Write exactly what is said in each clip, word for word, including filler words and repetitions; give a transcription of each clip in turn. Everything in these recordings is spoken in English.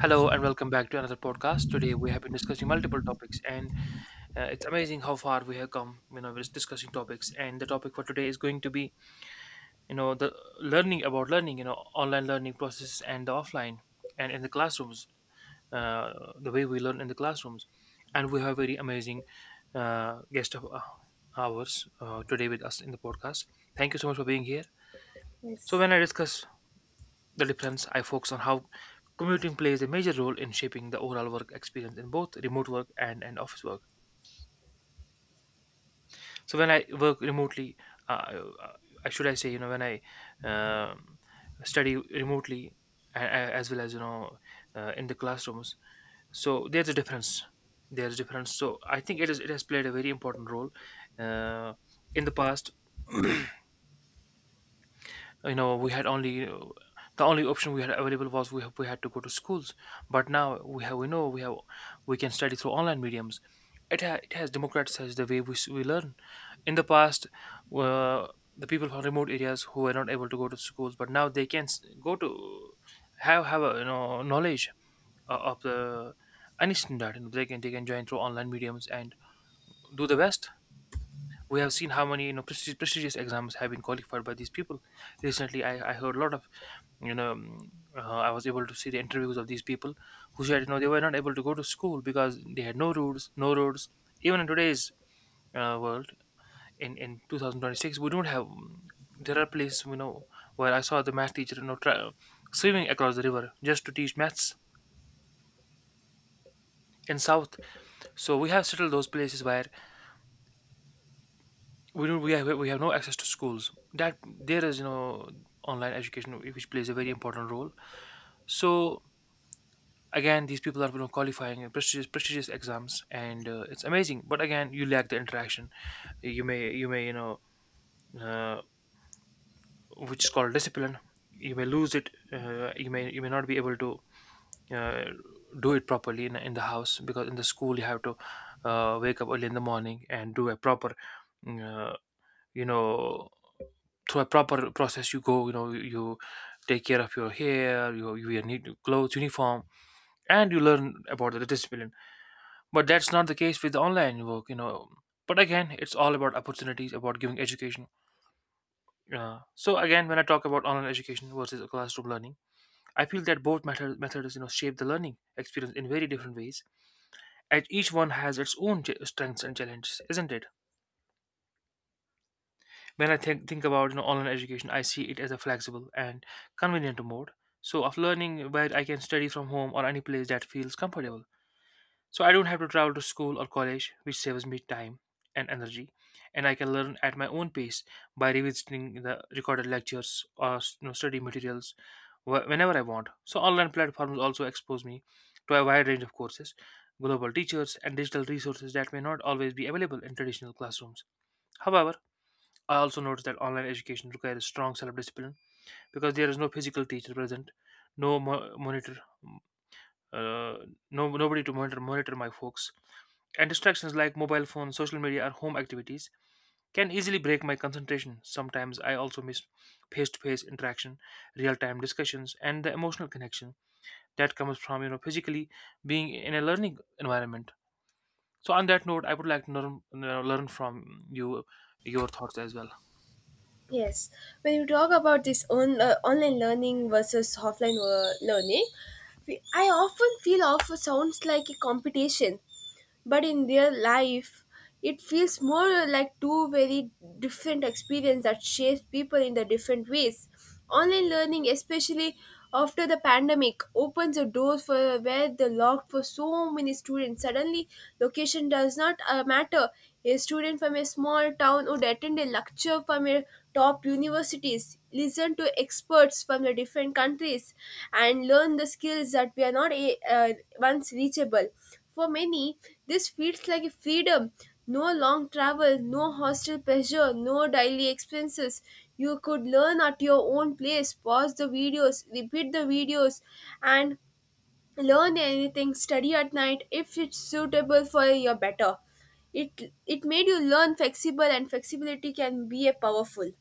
Hello and welcome back to another podcast. Today we have been discussing multiple topics, and uh, it's amazing how far we have come. You know, we're just discussing topics, and the topic for today is going to be, you know, the learning about learning. You know, online learning processes and the offline, and in the classrooms, uh, the way we learn in the classrooms, and we have a very amazing uh, guest of uh, ours uh, today with us in the podcast. Thank you so much for being here. So Yes, when I discuss the difference, I focus on how commuting plays a major role in shaping the overall work experience in both remote work and, and office work. So when I work remotely, uh, I should I say, you know when I um, study remotely, a- a- as well as, you know uh, in the classrooms. So there's a difference. There's a difference. So I think it is it has played a very important role uh, in the past. You know we had only, uh, the only option we had available was, we, we had to go to schools, but now we have we know we have we can study through online mediums. It, ha- it has democratized the way we, s- we learn. In the past, uh, the people from remote areas who were not able to go to schools, but now they can s- go to, have have a, you know knowledge o- of the any standard, you know, they can they can join through online mediums and do the best. We have seen how many, you know prestigious, prestigious exams have been qualified by these people. Recently, I, I heard a lot of you know mm, uh, i was able to see the interviews of these people who said, you know they were not able to go to school because they had no roads, no roads. Even in today's uh, world, in in two thousand twenty-six, we don't have mm, There are places, you know where I saw the math teacher, you know tra- swimming across the river just to teach maths in south. So we have settled those places where we don't we have we have no access to schools, that there is, you know online education, which plays a very important role. So again, these people are, you know, qualifying in prestigious prestigious exams, and uh, it's amazing. But again, you lack the interaction. you may you may you know uh, which is called discipline, you may lose it. uh, you may you may not be able to, uh, do it properly in, in the house, because in the school you have to, uh, wake up early in the morning and do a proper, uh, you know through a proper process. You go, you know you take care of your hair, you, you need clothes, uniform, and you learn about the discipline. But that's not the case with online work, you know but again, it's all about opportunities, about giving education. Uh, so again, when I talk about online education versus classroom learning, I feel that both method, methods you know shape the learning experience in very different ways, and each one has its own ch- strengths and challenges, isn't it? When I think, think about, you know online education, I see it as a flexible and convenient mode, so, of learning, where I can study from home or any place that feels comfortable. So I don't have to travel to school or college, which saves me time and energy, and I can learn at my own pace by revisiting the recorded lectures or, you know, study materials, wh- whenever I want. So online platforms also expose me to a wide range of courses, global teachers, and digital resources that may not always be available in traditional classrooms. However, I also notice that online education requires strong self-discipline, because there is no physical teacher present, no mo- monitor, uh, no nobody to monitor monitor my focus, and distractions like mobile phones, social media, or home activities can easily break my concentration. Sometimes I also miss face-to-face interaction, real-time discussions, and the emotional connection that comes from, you know physically being in a learning environment. So on that note, I would like to learn, you know, learn from you your thoughts as well. yes. When you talk about this on, uh, online learning versus offline uh, learning, we, I often feel often sounds like a competition, but in real life, it feels more like two very different experiences that shapes people in the different ways. Online learning, especially after the pandemic, opens the doors for where the locked for so many students. Suddenly, location does not uh, matter. A student from a small town would attend a lecture from a top universities, listen to experts from the different countries, and learn the skills that were not a, uh, once reachable. For many, this feels like a freedom. No long travel, no hostel pressure, no daily expenses. You could learn at your own place, pause the videos, repeat the videos, and learn anything, study at night if it's suitable for your better. It, it made you learn flexible, and flexibility can be a powerful.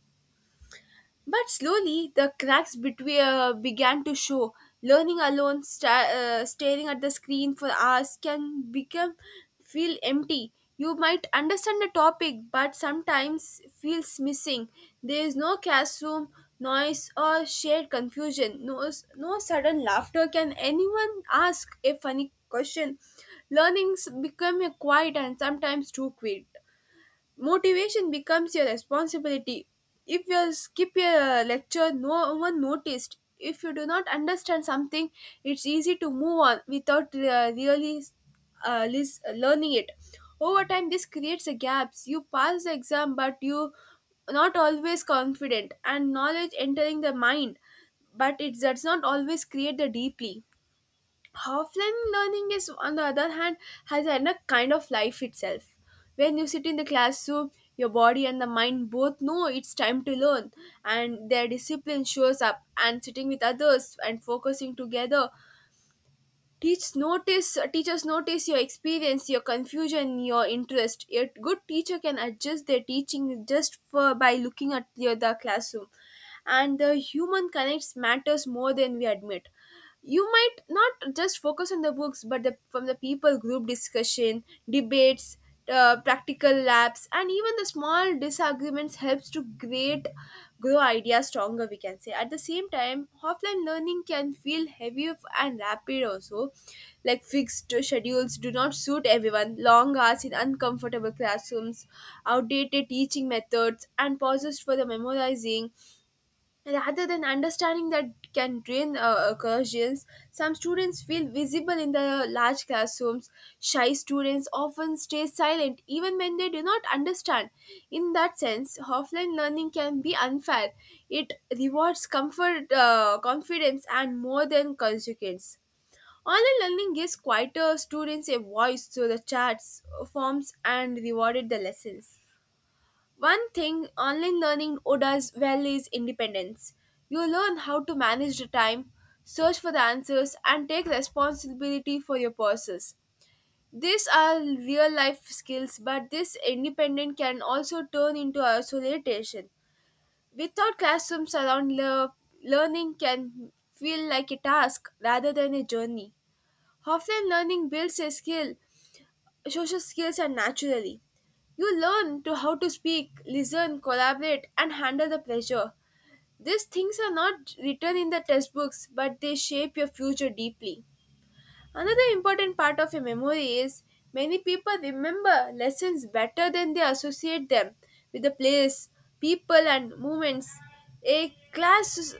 But slowly, the cracks between, uh, began to show. Learning alone, sta- uh, staring at the screen for hours can become feel empty. You might understand the topic, but sometimes feels missing. There is no classroom noise or shared confusion. No, s- no sudden laughter. Can anyone ask a funny question? Learnings become a quiet and sometimes too quick motivation becomes your responsibility. If you skip a lecture no one noticed. If you do not understand something, it's easy to move on without uh, really uh, lis- uh, learning it. Over time this creates a gaps. You pass the exam but you not always confident and knowledge entering the mind, but it does not always create the deeply. Offline learning is on the other hand has had a kind of life itself. When you sit in the classroom, your body and the mind both know it's time to learn, and their discipline shows up and sitting with others and focusing together. Teach notice teachers notice your experience, your confusion, your interest. A good teacher can adjust their teaching just for by looking at the, the classroom, and the human connects matters more than we admit. You might not just focus on the books but the, from the people, group discussion, debates, uh, practical labs, and even the small disagreements helps to create grow ideas stronger, we can say. At the same time, offline learning can feel heavy and rapid also, like fixed schedules do not suit everyone, long hours in uncomfortable classrooms, outdated teaching methods and pauses for the memorizing rather than understanding that can drain uh, occasions. Some students feel visible in the large classrooms. Shy students often stay silent even when they do not understand. In that sense, offline learning can be unfair. It rewards comfort, uh, confidence, and more than consequence. Online learning gives quieter students a voice through the chats, forms, and rewarded the lessons. One thing online learning does well is independence. You learn how to manage the time, search for the answers, and take responsibility for your process. These are real life skills, but this independence can also turn into isolation. Without classrooms around, le- learning can feel like a task rather than a journey. Offline learning builds a skill. Social skills are naturally. You learn to how to speak, listen, collaborate, and handle the pressure. These things are not written in the textbooks, but they shape your future deeply. Another important part of a memory is many people remember lessons better than they associate them with the place, people, and moments. A class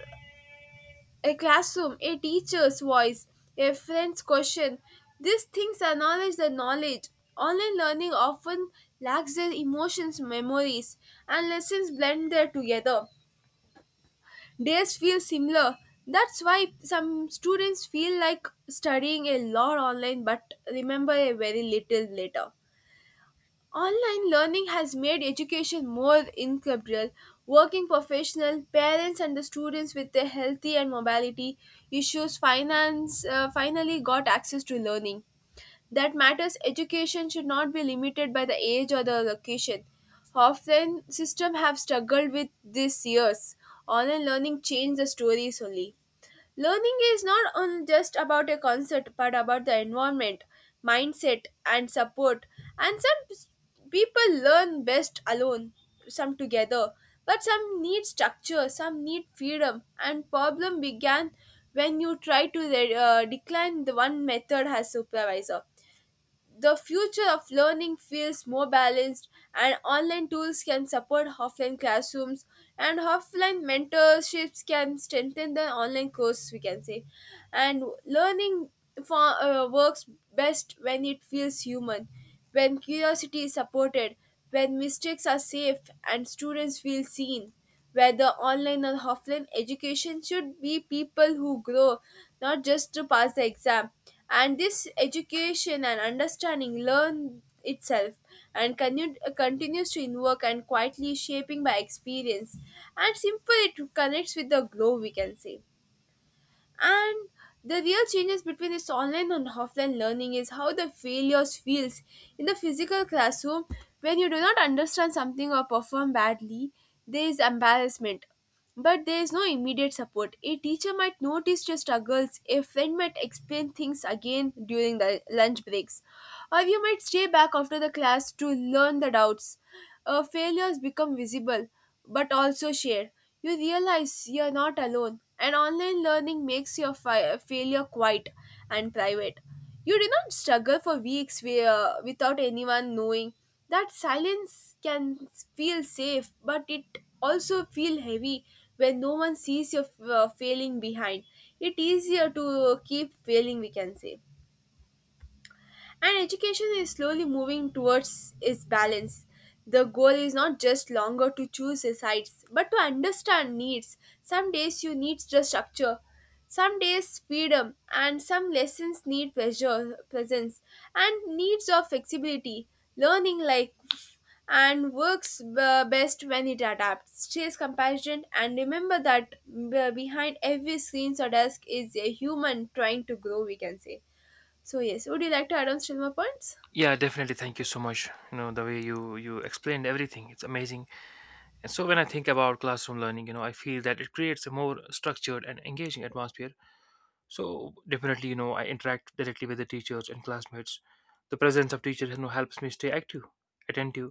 a classroom, a teacher's voice, a friend's question. These things acknowledge the knowledge. Online learning often lacks their emotions, memories, and lessons blend there together. Days feel similar. That's why some students feel like studying a lot online but remember a very little later. Online learning has made education more integral. Working professional, parents and the students with their healthy and mobility issues finance uh, finally got access to learning that matters. Education should not be limited by the age or the location. Often systems have struggled with this years. Online learning changed the stories only. Learning is not on just about a concept but about the environment, mindset, and support. And some s- people learn best alone, some together, but some need structure, some need freedom. And problem began when you try to re- uh, decline the one method as supervisor. The future of learning feels more balanced, and online tools can support offline classrooms, and offline mentorships can strengthen the online course, we can say. And learning for, uh, works best when it feels human, when curiosity is supported, when mistakes are safe, and students feel seen whether online or offline. Education should be people who grow, not just to pass the exam, and this education and understanding learn itself and continue, continues to invoke and quietly shaping by experience and simple it connects with the glow, we can say. And the real changes between this online and offline learning is how the failures feels. In the physical classroom, when you do not understand something or perform badly, there is embarrassment. But there is no immediate support. A teacher might notice your struggles, a friend might explain things again during the lunch breaks, or you might stay back after the class to learn the doubts. Uh, failures become visible but also share. You realize you're not alone, and online learning makes your fi- failure quiet and private. You do not struggle for weeks where, without anyone knowing. That silence can feel safe, but it also feel heavy when no one sees your uh, failing behind. It easier to keep failing, we can say. And education is slowly moving towards its balance. The goal is not just longer to choose the sides, but to understand needs. Some days you need just structure, some days freedom, and some lessons need pleasure, presence, and needs of flexibility. Learning like and works uh, best when it adapts. Stays compassionate and remember that uh, behind every screen or desk is a human trying to grow. We can say. So yes, would you like to add on still more points? Yeah, definitely, thank you so much. You know the way you you explained everything, it's amazing. And so when I think about classroom learning, you know, I feel that it creates a more structured and engaging atmosphere. So definitely, you know, I interact directly with the teachers and classmates. The presence of teachers, you know, helps me stay active, attentive,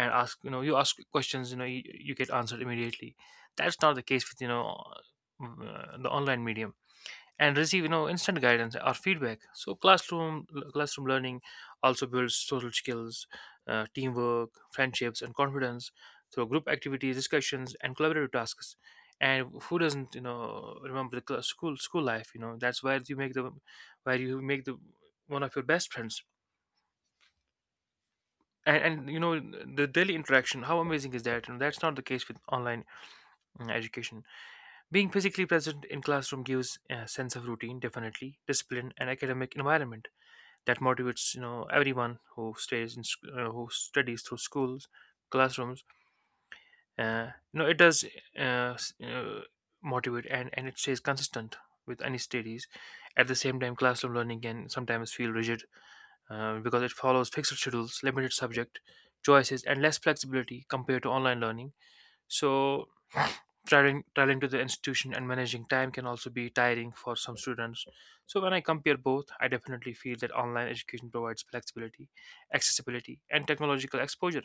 and ask, you know, you ask questions, you know, you, you get answered immediately. That's not the case with, you know, uh, the online medium, and receive, you know instant guidance or feedback. So classroom classroom learning also builds social skills, uh, teamwork, friendships, and confidence through group activities, discussions, and collaborative tasks. And who doesn't, you know remember the cla- school school life? You know that's where you make the where you make the one of your best friends. And, and you know the daily interaction, how amazing is that you that's not the case with online, mm, education. Being physically present in classroom gives a sense of routine, definitely discipline, and academic environment that motivates, you know everyone who stays in sc- uh, who studies through schools, classrooms. Uh, you know it does, uh, s- uh, motivate, and and it stays consistent with any studies. At the same time, classroom learning can sometimes feel rigid, uh, because it follows fixed schedules, limited subject choices, and less flexibility compared to online learning. So traveling traveling to the institution and managing time can also be tiring for some students. So when I compare both, I definitely feel that online education provides flexibility, accessibility, and technological exposure,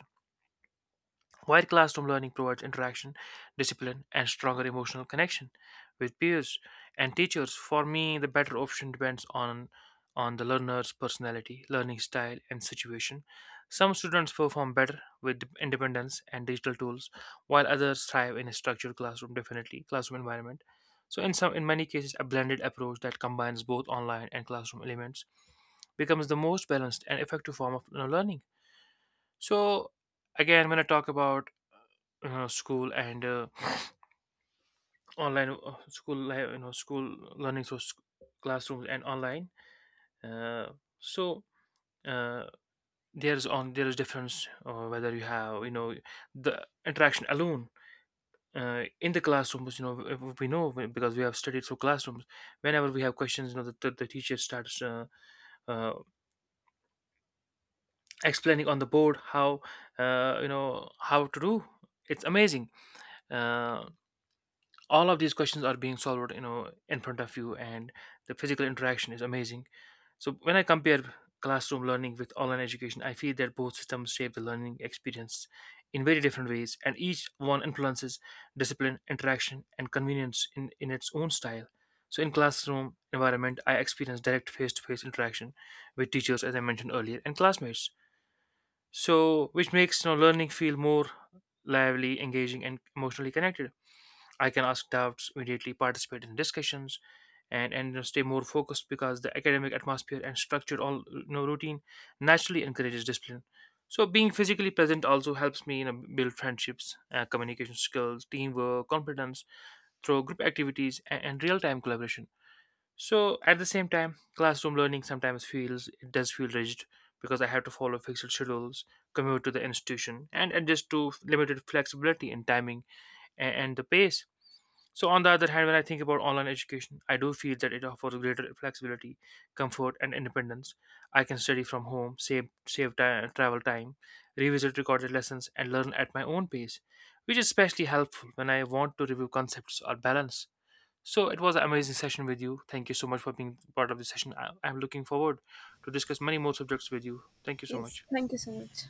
while classroom learning provides interaction, discipline, and stronger emotional connection with peers and teachers. For me, the better option depends on on the learner's personality, learning style, and situation. Some students perform better with independence and digital tools, while others thrive in a structured classroom, definitely classroom environment. So, in some, in many cases, a blended approach that combines both online and classroom elements becomes the most balanced and effective form of, you know, learning. So, again, when I talk about, uh, school, and uh, online, uh, school li- you know school learning through sc- classrooms, and online, uh, so, uh, there's on there is difference, uh, whether you have, you know the interaction alone, uh, in the classrooms. You know w- we know, because we have studied through classrooms. Whenever we have questions, you know the, the, the teacher starts, uh, uh, explaining on the board, how uh, you know how to do. It's amazing. uh, all of these questions are being solved, you know in front of you, and the physical interaction is amazing. So when I compare classroom learning with online education, I feel that both systems shape the learning experience in very different ways, and each one influences discipline, interaction, and convenience in, in its own style. So in classroom environment, I experience direct face-to-face interaction with teachers, as I mentioned earlier, and classmates, so which makes, you know, learning feel more lively, engaging, and emotionally connected. I can ask doubts, immediately participate in discussions, and and you know, stay more focused, because the academic atmosphere and structured, all, you know, routine naturally encourages discipline. So being physically present also helps me, you know, build friendships, uh, communication skills, teamwork, confidence through group activities and, and real-time collaboration. So at the same time, classroom learning sometimes feels it does feel rigid, because I have to follow fixed schedules, commute to the institution, and adjust to limited flexibility in timing and, and the pace. So, on the other hand, when I think about online education, I do feel that it offers greater flexibility, comfort, and independence. I can study from home, save save ti- travel time, revisit recorded lessons, and learn at my own pace, which is especially helpful when I want to review concepts or balance. So, it was an amazing session with you. Thank you so much for being part of the session. I- I'm looking forward to discuss many more subjects with you. Thank you so Yes, much. thank you so much.